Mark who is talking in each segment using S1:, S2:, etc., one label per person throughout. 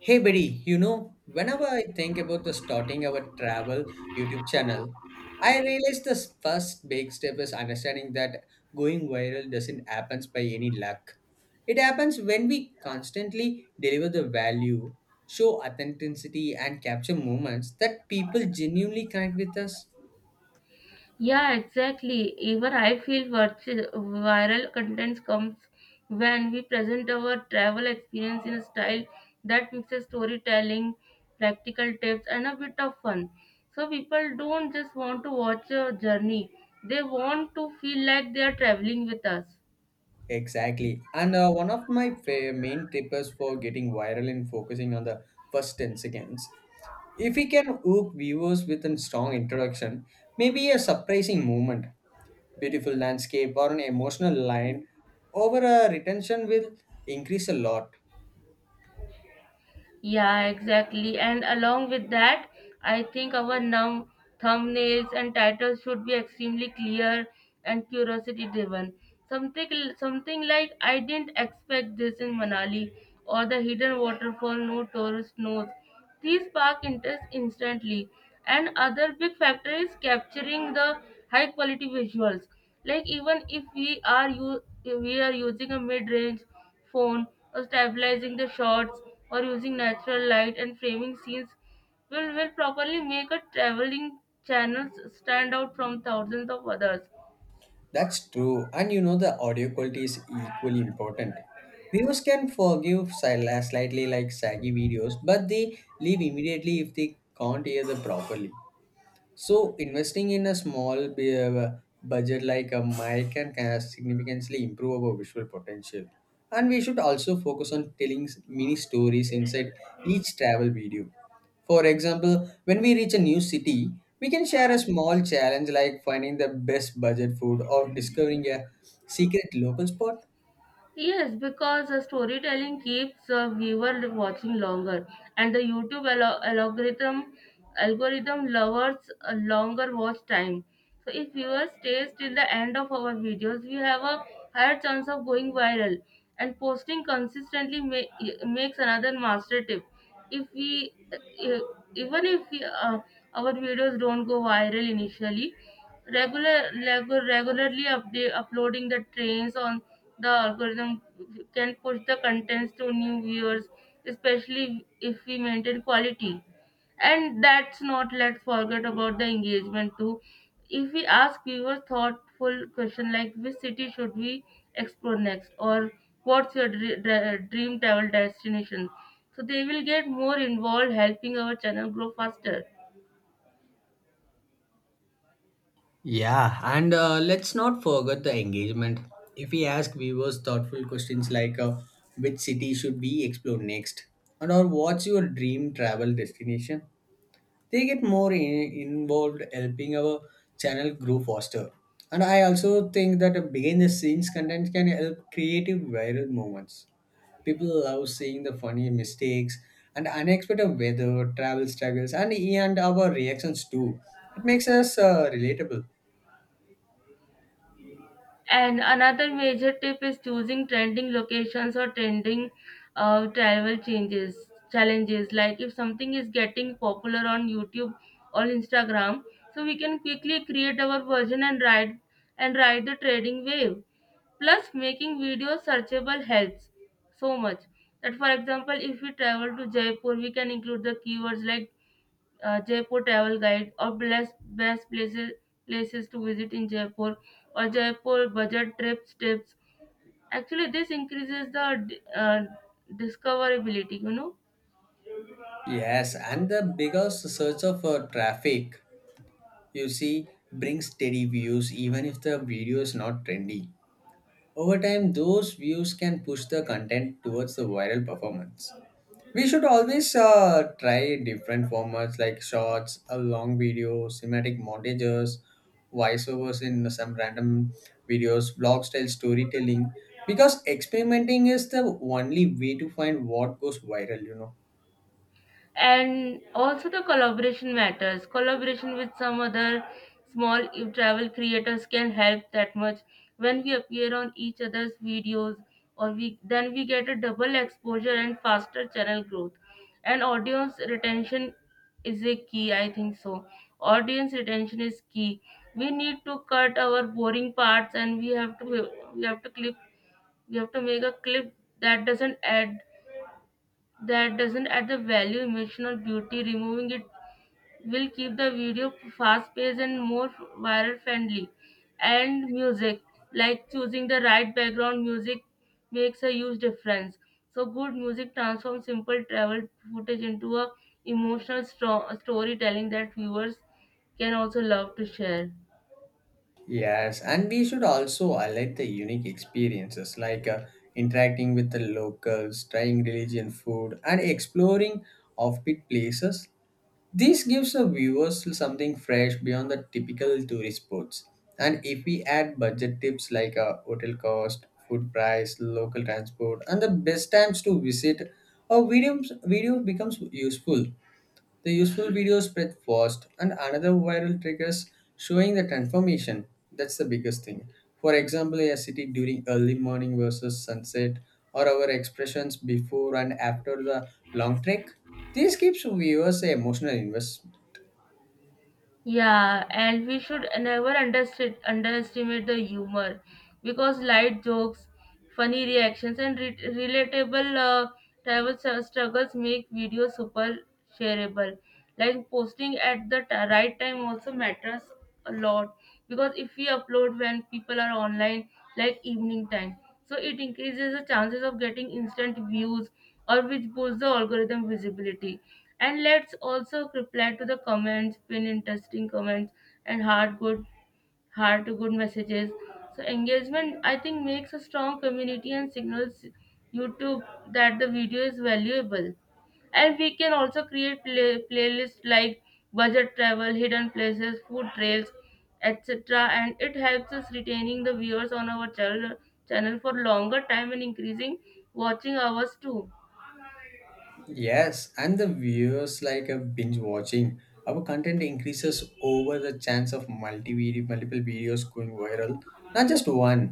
S1: Hey buddy, whenever I think about the starting our travel YouTube channel, I realize the first big step is understanding that going viral doesn't happen by any luck. It happens when we constantly deliver the value, show authenticity, and capture moments that people genuinely connect with us.
S2: Yeah, exactly. Even I feel viral contents comes when we present our travel experience in a style that mixes storytelling, practical tips, and a bit of fun. So people don't just want to watch a journey; they want to feel like they are traveling with us.
S1: Exactly. And one of my main tips for getting viral and focusing on the first 10 seconds. If we can hook viewers with a strong introduction, maybe a surprising moment, beautiful landscape, or an emotional line over a retention will increase a lot.
S2: Yeah, exactly. And along with that, I think our now thumbnails and titles should be extremely clear and curiosity driven. Something like I didn't expect this in Manali or the hidden waterfall no tourist knows. These spark interest instantly, and other big factor is capturing the high quality visuals. Like even if we are using a mid range phone or stabilizing the shots or using natural light and framing scenes will properly make a traveling channels stand out from thousands of others.
S1: That's true, and you know the audio quality is equally important. Viewers can forgive slightly like saggy videos, but they leave immediately if they can't hear them properly. So investing in a small budget like a mic can significantly improve our visual potential. And we should also focus on telling mini stories inside each travel video. For example, when we reach a new city, we can share a small challenge like finding the best budget food or discovering a secret local spot.
S2: Yes, because the storytelling keeps the viewer watching longer, and the YouTube algorithm lovers a longer watch time. So if viewers stays till the end of our videos, we have a higher chance of going viral. And posting consistently makes another master tip if we even if we, our videos don't go viral initially, regularly update, uploading the trends on the algorithm can push the contents to new viewers, especially if we maintain quality. And that's not, let's forget about the engagement too. If we ask viewers thoughtful question like which city should we explore next, or what's your dream travel destination, so they will get more involved helping our channel grow faster.
S1: Yeah, and let's not forget the engagement. If we ask viewers thoughtful questions like which city should we explore next, and or what's your dream travel destination, they get more involved, helping our channel grow faster. And I also think that a behind the scenes content can help creative viral moments. People love seeing the funny mistakes and unexpected weather, travel struggles, and our reactions too. It makes us relatable.
S2: And another major tip is choosing trending locations or trending travel changes challenges. Like if something is getting popular on YouTube or Instagram, so we can quickly create our version and ride the trading wave. Plus, making videos searchable helps so much. That, for example, if we travel to Jaipur, we can include the keywords like Jaipur travel guide, or best places to visit in Jaipur, or Jaipur budget trips tips. Actually, this increases the discoverability, you know.
S1: Yes, and the biggest search of traffic you see brings steady views even if the video is not trendy. Over time, those views can push the content towards the viral performance. We should always try different formats like shorts, a long video, cinematic montages, voiceovers in some random videos, blog style storytelling because experimenting is the only way to find what goes viral, you know.
S2: And also the collaboration matters. Collaboration with some other small travel creators can help that much. When we appear on each other's videos, or we then we get a double exposure and faster channel growth, and audience retention is a key, I think. So audience retention is key. We need to cut our boring parts, and we have to clip. We have to make a clip that doesn't add, the value, emotional beauty. Removing it will keep the video fast paced and more viral friendly. And music, like choosing the right background music, makes a huge difference. So, good music transforms simple travel footage into a emotional storytelling that viewers can also love to share.
S1: Yes, and we should also highlight the unique experiences like interacting with the locals, trying religion food, and exploring offbeat places. This gives the viewers something fresh beyond the typical tourist spots. And if we add budget tips like hotel cost, food price, local transport, and the best times to visit, our videos video becomes useful. The useful video spread fast, and another viral triggers showing the transformation. That's the biggest thing. For example, a city during early morning versus sunset, or our expressions before and after the long trek. This keeps viewers emotional invest.
S2: Yeah, and we should never underestimate the humor, because light jokes, funny reactions, and relatable travel struggles make videos super shareable. Like posting at the right time also matters a lot, because if we upload when people are online, like evening time, so it increases the chances of getting instant views, or which boosts the algorithm visibility. And let's also reply to the comments, pin interesting comments, and heart good messages. So engagement, I think, makes a strong community and signals YouTube that the video is valuable. And we can also create playlists like budget travel, hidden places, food trails, etc. And it helps us retaining the viewers on our channel for longer time and increasing watching hours too.
S1: Yes, and the viewers like a binge watching. Our content increases over the chance of multi video, multiple videos going viral, not just one.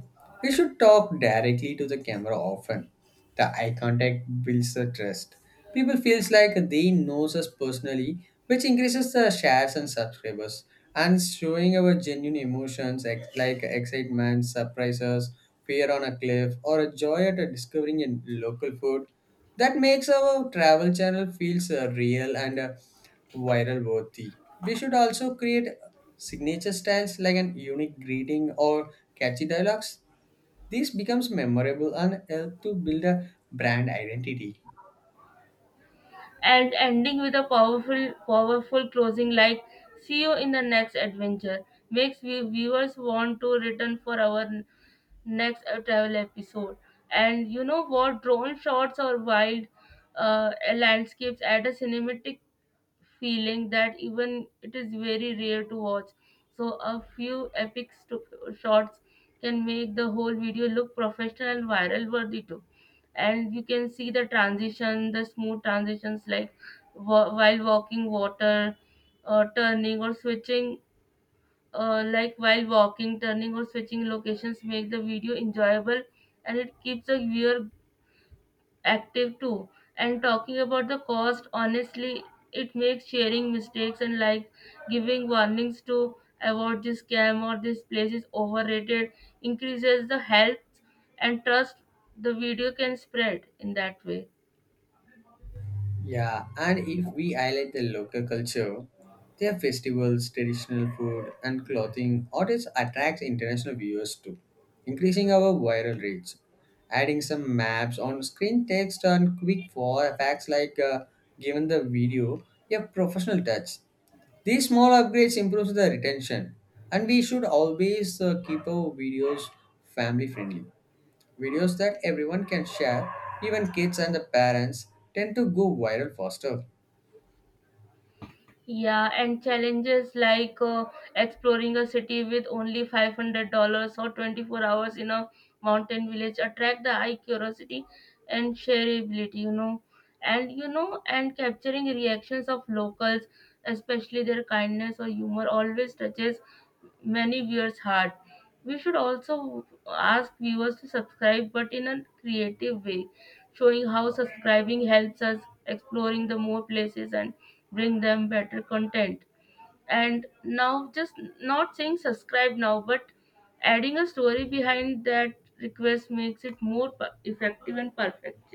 S1: We should talk directly to the camera often. The eye contact builds the trust. People feels like they knows us personally, which increases the shares and subscribers. And showing our genuine emotions like excitement, surprises, fear on a cliff, or a joy at a discovering a local food that makes our travel channel feels real and viral worthy. We should also create signature styles like an unique greeting or catchy dialogues. This becomes memorable and help to build a brand identity.
S2: And ending with a powerful closing like see you in the next adventure makes viewers want to return for our next travel episode. And you know what, drone shots or wild landscapes add a cinematic feeling that even it is very rare to watch. So a few epic shots can make the whole video look professional and viral worthy too. And you can see the transition, the smooth transitions like wa- while walking water, turning or switching, like while walking, turning or switching locations make the video enjoyable, and it keeps the viewer active too. And talking about the cost honestly, it makes sharing mistakes and like giving warnings to avoid this scam or this place is overrated, increases the health and trust. The video can spread in that way.
S1: Yeah, and if we highlight the local culture, their festivals, traditional food, and clothing artists attracts international viewers too, increasing our viral reach. Adding some maps on screen text and quick for facts like given the video a professional touch. These small upgrades improves the retention, and we should always keep our videos family friendly. Videos that everyone can share, even kids and the parents, tend to go viral faster.
S2: Yeah, and challenges like exploring a city with only $500 or 24 hours in a mountain village attract the eye curiosity and shareability, you know. And you know, and capturing reactions of locals, especially their kindness or humor, always touches many viewers' heart. We should also ask viewers to subscribe, but in a creative way, showing how subscribing helps us exploring the more places and bring them better content. And now, just not saying subscribe now, but adding a story behind that request makes it more effective and perfect.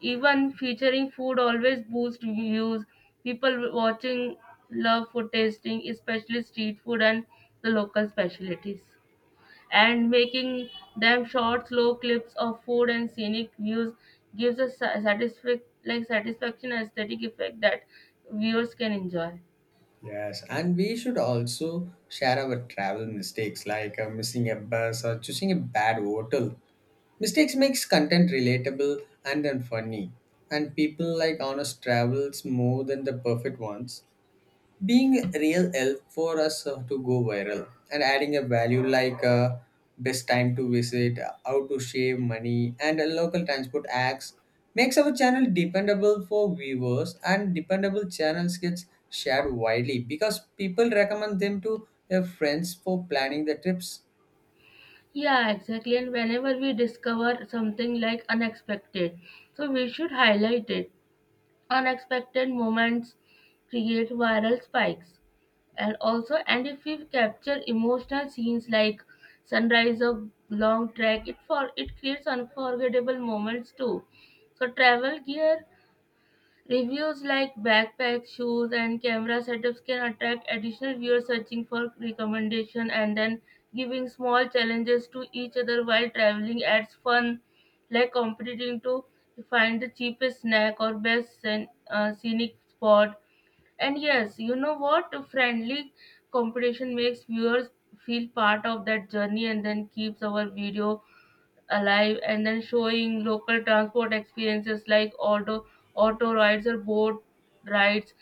S2: Even featuring food always boosts views. People watching love food tasting, especially street food and the local specialties. And making them short, slow clips of food and scenic views gives a like satisfaction aesthetic effect that viewers can enjoy.
S1: Yes, and we should also share our travel mistakes like missing a bus or choosing a bad hotel. Mistakes makes content relatable and then funny, and people like honest travels more than the perfect ones. Being real help for us to go viral and adding a value like best time to visit, how to save money, and local transport acts makes our channel dependable for viewers, and dependable channels gets shared widely because people recommend them to their friends for planning the trips.
S2: Yeah, exactly. And whenever we discover something like unexpected, so we should highlight it. Unexpected moments create viral spikes. And also, and if we capture emotional scenes like sunrise or long trek, it creates unforgettable moments too. So travel gear reviews like backpacks, shoes, and camera setups can attract additional viewers searching for recommendation. And then giving small challenges to each other while traveling adds fun, like competing to find the cheapest snack or best scenic spot. And yes, you know what? A friendly competition makes viewers feel part of that journey, and then keeps our video alive. And then showing local transport experiences like auto rides or boat rides,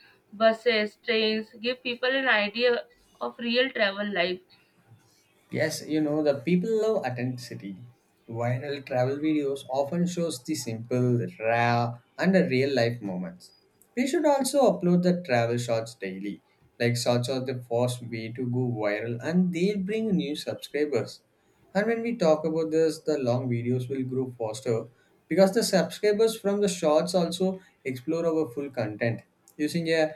S2: buses, trains, give people an idea of real travel life.
S1: Yes, you know, the people love authenticity. Viral travel videos often shows the simple, raw, and the real life moments. We should also upload the travel shots daily. Like shots are the first way to go viral and they bring new subscribers. And when we talk about this, the long videos will grow faster because the subscribers from the shorts also explore our full content. Using a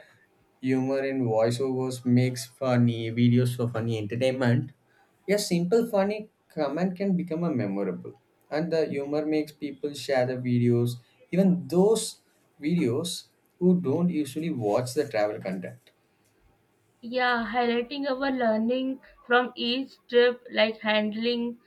S1: humor in voiceovers makes funny videos for funny entertainment. A simple funny comment can become a memorable, and the humor makes people share the videos, even those videos who don't usually watch the travel content.
S2: Yeah, highlighting our learning from each trip like handling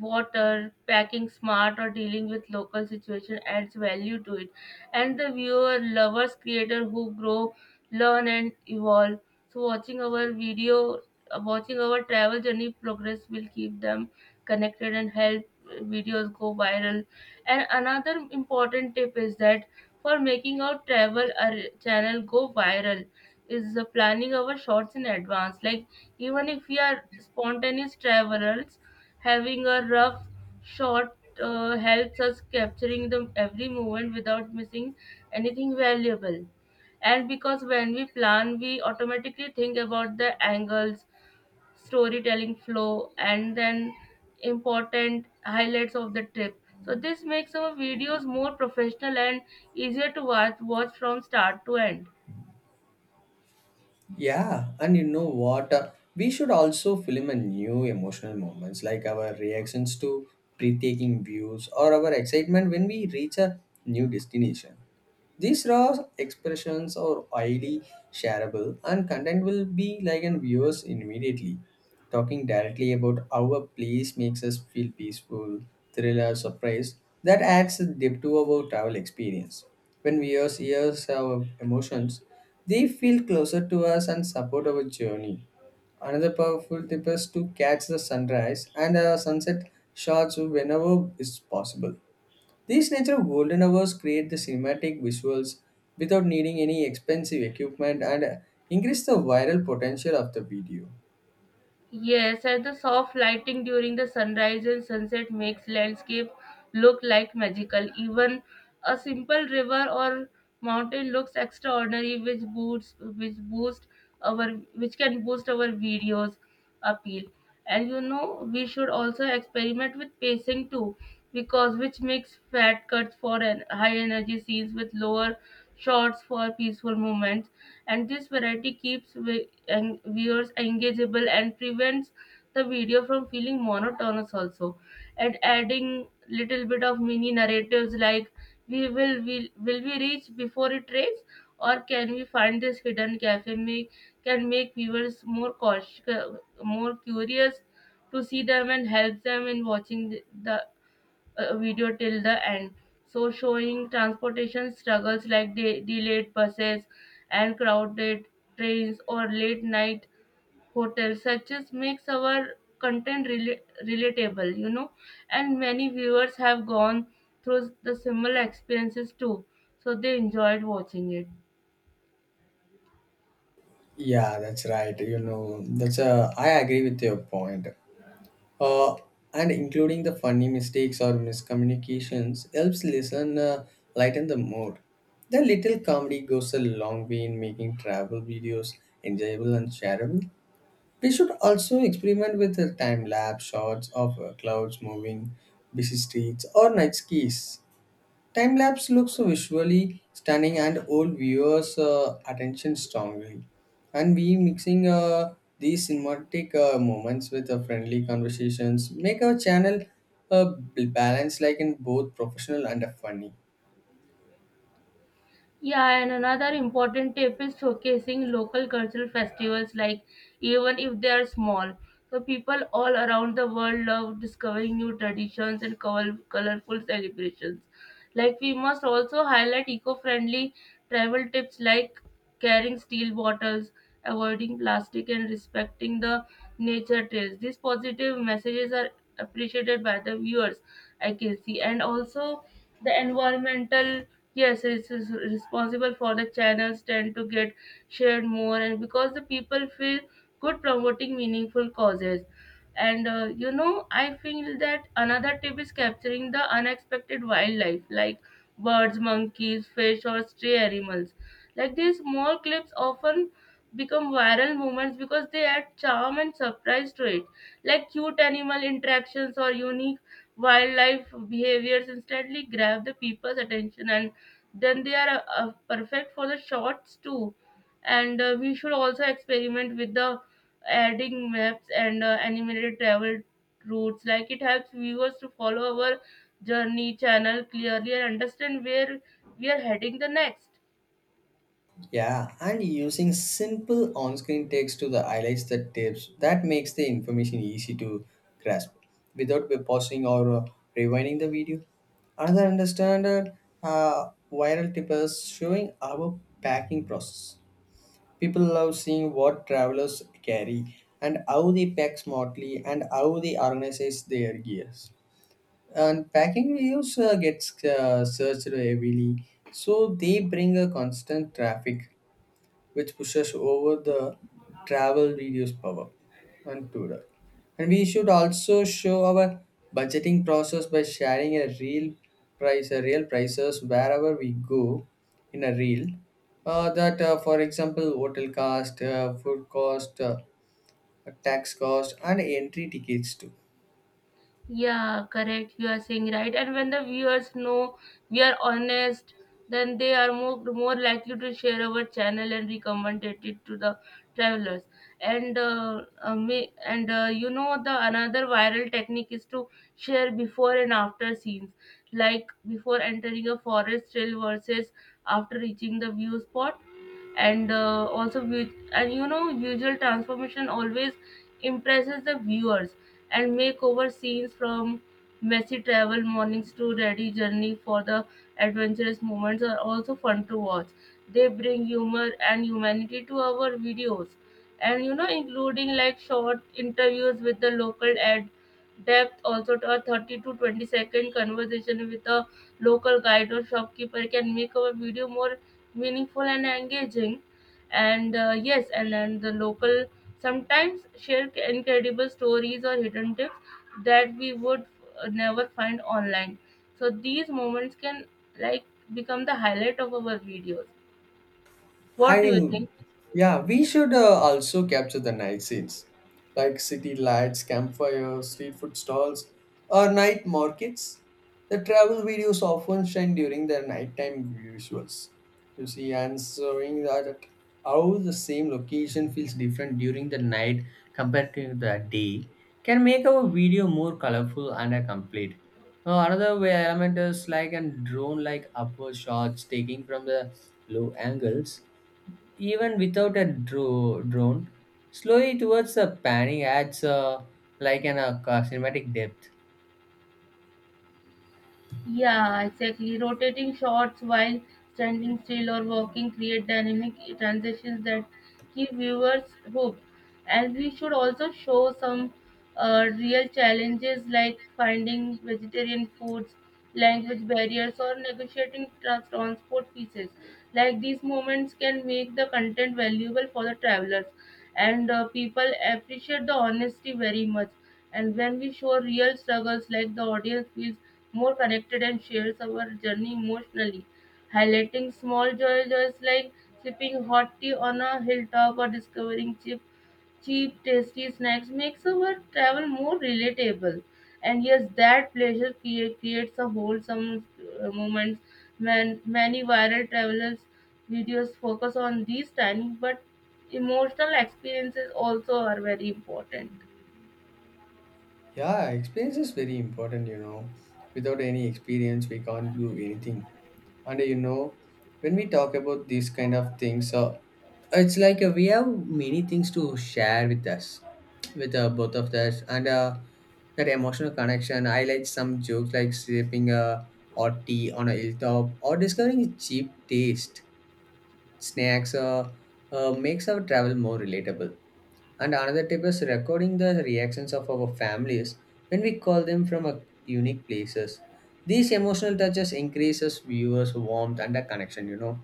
S2: water, packing smart, or dealing with local situation adds value to it. And the viewer lovers creator who grow, learn, and evolve. So watching our video, watching our travel journey progress will keep them connected and help videos go viral. And another important tip is that for making our travel channel go viral is planning our shots in advance. Like even if we are spontaneous travelers, having a rough shot helps us capturing the every moment without missing anything valuable. And because when we plan, we automatically think about the angles, storytelling flow, and then important highlights of the trip. So this makes our videos more professional and easier to watch from start to end.
S1: Yeah, and you know what? We should also film a new emotional moments like our reactions to breathtaking views or our excitement when we reach a new destination. These raw expressions are highly shareable and content will be like in viewers immediately, talking directly about how a place makes us feel peaceful, thriller, surprise. That adds depth to our travel experience. When viewers hear our emotions, they feel closer to us and support our journey. Another powerful tip is to catch the sunrise and the sunset shots whenever is possible. These natural golden hours create the cinematic visuals without needing any expensive equipment and increase the viral potential of the video.
S2: Yes, and the soft lighting during the sunrise and sunset makes landscape look like magical. Even a simple river or mountain looks extraordinary, our which can boost our videos appeal. And you know, we should also experiment with pacing too, because which makes fat cuts for an high energy scenes with lower shots for peaceful moments. And this variety keeps and viewers engageable and prevents the video from feeling monotonous also. And adding little bit of mini narratives like will we reach before it rains, or can we find this hidden cafe, make can make viewers more curious to see them and help them in watching the video till the end. So, showing transportation struggles like delayed buses and crowded trains or late night hotels, such as makes our content relatable, you know. And many viewers have gone through the similar experiences too, so they enjoyed watching it.
S1: Yeah, that's right. You know, that's I agree with your point. Uh, and including the funny mistakes or miscommunications helps listener lighten the mood. The little comedy goes a long way in making travel videos enjoyable and shareable. They should also experiment with the time lapse shots of clouds moving, busy streets, or night skies. Time lapse looks visually stunning and hold viewers' attention strongly. And we mixing these cinematic moments with friendly conversations make our channel balanced, like in both professional and funny.
S2: Yeah, and another important tip is showcasing local cultural festivals, like even if they are small. So people all around the world love discovering new traditions and colorful celebrations. Like we must also highlight eco-friendly travel tips like carrying steel bottles, avoiding plastic, and respecting the nature trails. These positive messages are appreciated by the viewers, I can see, and also the environmental. Yes, it's responsible for the channels tend to get shared more, and because the people feel good promoting meaningful causes. And you know, I feel that another tip is capturing the unexpected wildlife like birds, monkeys, fish, or stray animals. Like these small clips often become viral moments because they add charm and surprise to it. Like cute animal interactions or unique wildlife behaviors instantly grab the people's attention, and then they are perfect for the shorts too. And we should also experiment with the adding maps and animated travel routes. Like it helps viewers to follow our journey channel clearly and understand where we are heading the next.
S1: Yeah, and using simple on-screen text to the highlights the tips that makes the information easy to grasp without pausing or rewinding the video. Another understandard viral tip is showing our packing process. People love seeing what travelers carry and how they pack smartly and how they organize their gears. And packing videos gets searched heavily, so they bring a constant traffic which pushes over the travel video's power and tourer. And we should also show our budgeting process by sharing a real price, a real prices wherever we go in a reel. That, for example, hotel cost, food cost, tax cost, and entry tickets too.
S2: Yeah, correct. You are saying right. And when the viewers know we are honest, then they are more likely to share our channel and recommend it to the travelers. And the another viral technique is to share before and after scenes, like before entering a forest trail versus after reaching the view spot. And also vi- and you know visual transformation always impresses the viewers. And makeover scenes from messy travel mornings to ready journey for the adventurous moments are also fun to watch. They bring humor and humanity to our videos. And including, like, short interviews with the local ad depth also to a 30 to 20 second conversation with a local guide or shopkeeper can make our video more meaningful and engaging. And Yes, and then the local sometimes share incredible stories or hidden tips that we would never find online. So these moments can, like, become the highlight of our videos. What do you
S1: Hiring,
S2: think?
S1: yeah, we should also capture the night scenes like city lights, campfires, street food stalls, or night markets. The travel videos often shine during the nighttime visuals. You see, answering that how the same location feels different during the night compared to the day can make our video more colorful and complete. Another way element is like a drone like upward shots taking from the low angles even without a drone, slowly towards the panning adds like an cinematic depth.
S2: Yeah, exactly. Rotating shots while standing still or walking create dynamic transitions that keep viewers hooked. And we should also show some real challenges like finding vegetarian foods, language barriers, or negotiating transport pieces. Like these moments can make the content valuable for the travelers, and people appreciate the honesty very much. And when we show real struggles, like the audience feels more connected and shares our journey emotionally, highlighting small joys like sipping hot tea on a hilltop or discovering cheap, tasty snacks makes our travel more relatable. And yes, that pleasure creates a wholesome moment when many viral travelers videos focus on these tiny but emotional experiences also are very important.
S1: Yeah, experience is very important, you know. Without any experience, we can't do anything. And you know, when we talk about these kind of things, it's like we have many things to share with us, with both of us, and that emotional connection. I like some jokes like sipping a hot tea on a hilltop or discovering a cheap taste snacks makes our travel more relatable. And another tip is recording the reactions of our families when we call them from a unique places. These emotional touches increases viewers' warmth and a connection,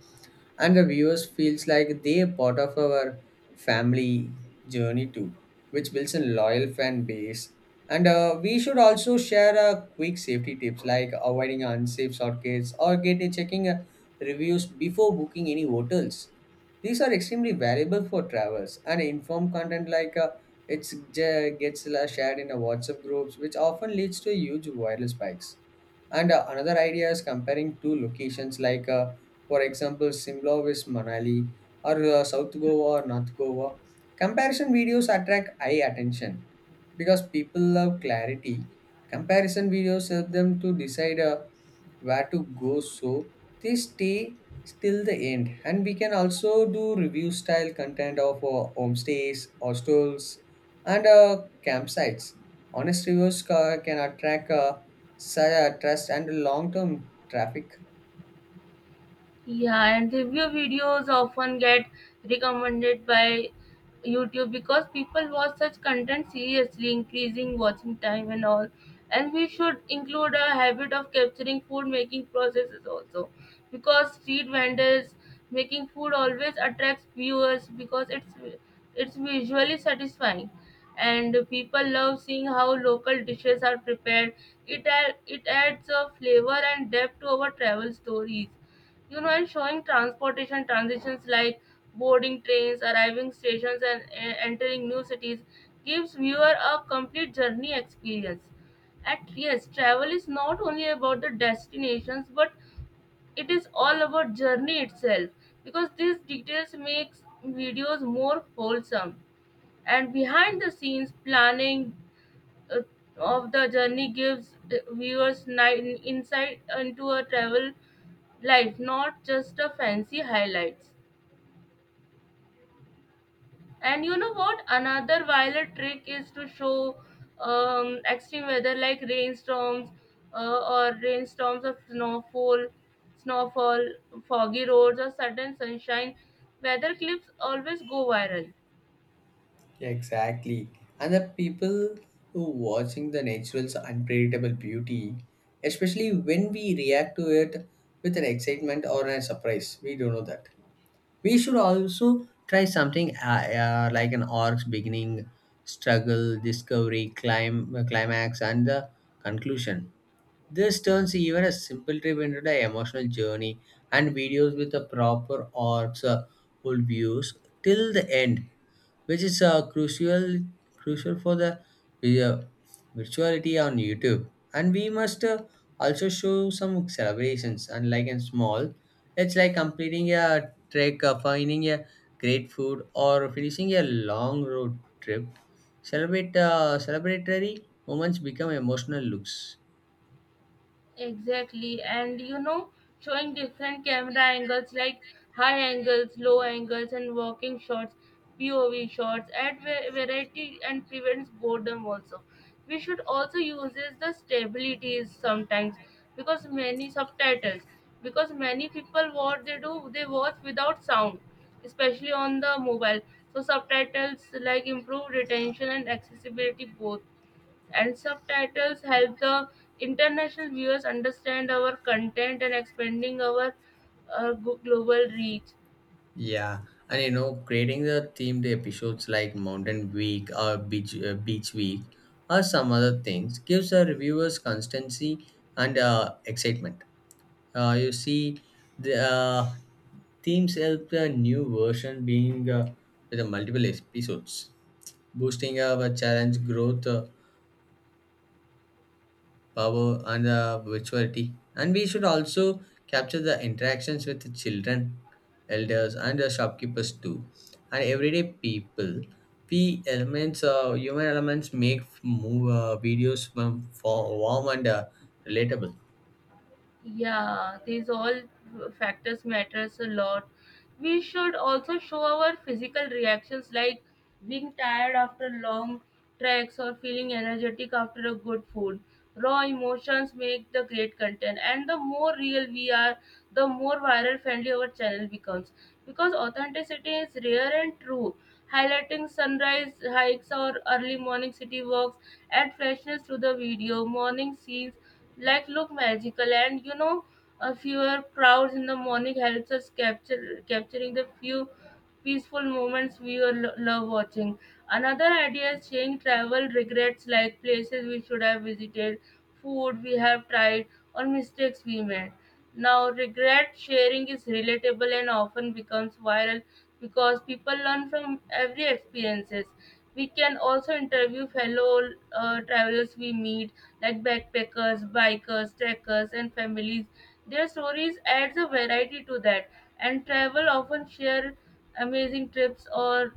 S1: and the viewers feels like they are part of our family journey too, which builds a loyal fan base. And we should also share a quick safety tips like avoiding unsafe shortcuts or get checking reviews before booking any hotels. These are extremely valuable for travelers, and informed content like it's j- gets shared in a WhatsApp groups, which often leads to huge viral spikes. And another idea is comparing two locations, like for example, Simla with Manali or South Goa or North Goa. Comparison videos attract eye attention because people love clarity. Comparison videos help them to decide where to go, so they stay till the end. And we can also do review style content of homestays, hostels, and campsites. Honest reviews can attract such a trust and long term traffic.
S2: Yeah, and review videos often get recommended by YouTube because people watch such content seriously, increasing watching time and all. And we should include a habit of capturing food making processes also because street vendors making food always attracts viewers because it's visually satisfying, and people love seeing how local dishes are prepared. It adds a flavor and depth to our travel stories, and showing transportation transitions like boarding trains, arriving stations, and entering new cities gives viewer a complete journey experience. At yes, travel is not only about the destinations, but it is all about journey itself because these details makes videos more wholesome. And behind the scenes planning uh, of the journey gives the viewers insight into a travel life, not just a fancy highlights. And you know what? Another violent trick is to show extreme weather like rainstorms, or rainstorms of snowfall, foggy roads, or sudden sunshine. Weather clips always go viral.
S1: Exactly. And the people who watching the natural's unpredictable beauty, especially when we react to it with an excitement or a surprise. We don't know that. We should also try something like an arc's beginning, struggle, discovery, climax, and the conclusion. This turns even a simple trip into an emotional journey, and videos with the proper arcs will be used till the end, which is crucial for the vi- uh, virtuality on YouTube. And we must also show some celebrations, unlike in small. It's like completing a trek, finding a great food, or finishing a long road trip. Celebrate Celebratory moments become emotional looks.
S2: Exactly, and showing different camera angles like high angles, low angles, and walking shots, POV shots, add variety and prevents boredom also. We should also use is the stabilities sometimes because many subtitles because many people what they do they watch without sound, especially on the mobile. So subtitles like improve retention and accessibility both, and subtitles help the international viewers understand our content and expanding our global reach.
S1: Yeah, and you know, creating the themed episodes like Mountain Week or Beach Week or some other things gives our reviewers constancy and excitement. You see, the themes help the new version being with the multiple episodes, boosting our challenge growth. Power and virtuality, and we should also capture the interactions with the children, elders, and the shopkeepers too, and everyday people. We elements human elements make move videos for warm and relatable.
S2: Yeah, these all factors matters a lot. We should also show our physical reactions like being tired after long treks or feeling energetic after a good food. Raw emotions make the great content, and the more real we are, the more viral friendly our channel becomes because authenticity is rare and true. Highlighting sunrise hikes or early morning city walks add freshness to the video. Morning scenes like look magical, and a fewer crowds in the morning helps us capture capturing the few peaceful moments we love watching. Another idea is sharing travel regrets like places we should have visited, food we have tried, or mistakes we made. Now, regret sharing is relatable and often becomes viral because people learn from every experiences. We can also interview fellow travelers we meet, like backpackers, bikers, trekkers, and families. Their stories adds a variety to that, and travel often share amazing trips or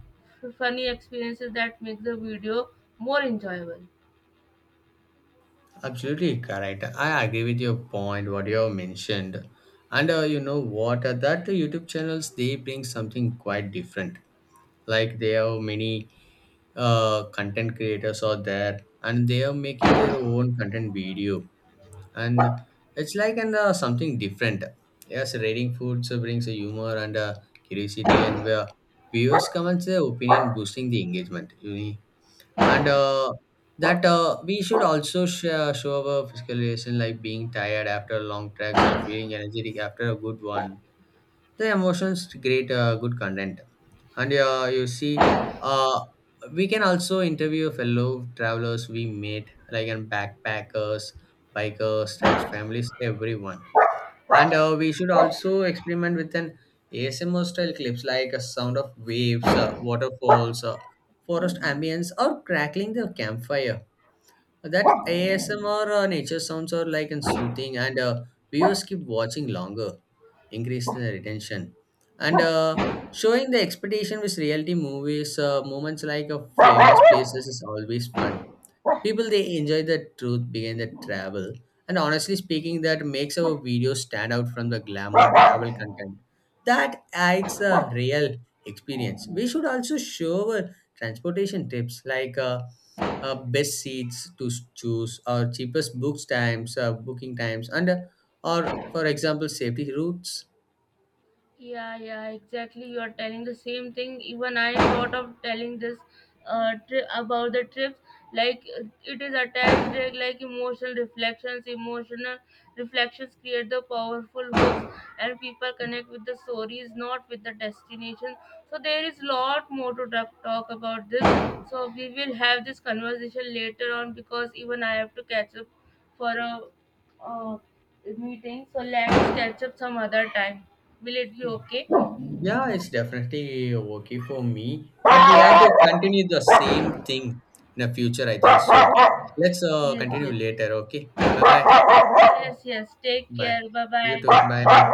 S2: funny experiences that make the video more enjoyable.
S1: Absolutely correct, I agree with your point what you have mentioned. And you know what, that YouTube channels they bring something quite different, like they have many content creators out there and they are making their own content video, and it's like an something different. Yes, rating foods brings a humor and curiosity, and where viewers comments their opinion boosting the engagement, you know. And that we should also share, show our physical relation like being tired after long tracks or feeling energetic after a good one. The emotions create good content. And you see, uh, we can also interview fellow travelers we meet, like and backpackers, bikers, tax families, everyone. And we should also experiment with an ASMR style clips like a sound of waves, waterfalls, forest ambience, or crackling the campfire. That ASMR nature sounds are like and soothing, and viewers keep watching longer, increasing the retention. And showing the expectation with reality movies. Moments like famous places is always fun. People they enjoy the truth behind the travel, and honestly speaking, that makes our video stand out from the glamour travel content. That adds a real experience. We should also show our transportation tips like best seats to choose, or cheapest booking times, and or for example safety routes.
S2: Yeah, yeah, exactly. You are telling the same thing. Even I thought of telling this about the trips. Like it is attached, like emotional reflections. Emotional reflections create the powerful hooks, and people connect with the stories, not with the destination. So there is lot more to talk about this. So we will have this conversation later on because even I have to catch up for a uh, meeting, so let's catch up some other time. Will it be okay?
S1: Yeah, it's definitely okay for me, but we have to continue the same thing in the future, I think so. Let's
S2: Yes,
S1: continue
S2: yes.
S1: later, okay? Bye bye.
S2: Yes, yes. Take
S1: Bye.
S2: care. Bye
S1: You too. Bye bye.
S2: bye.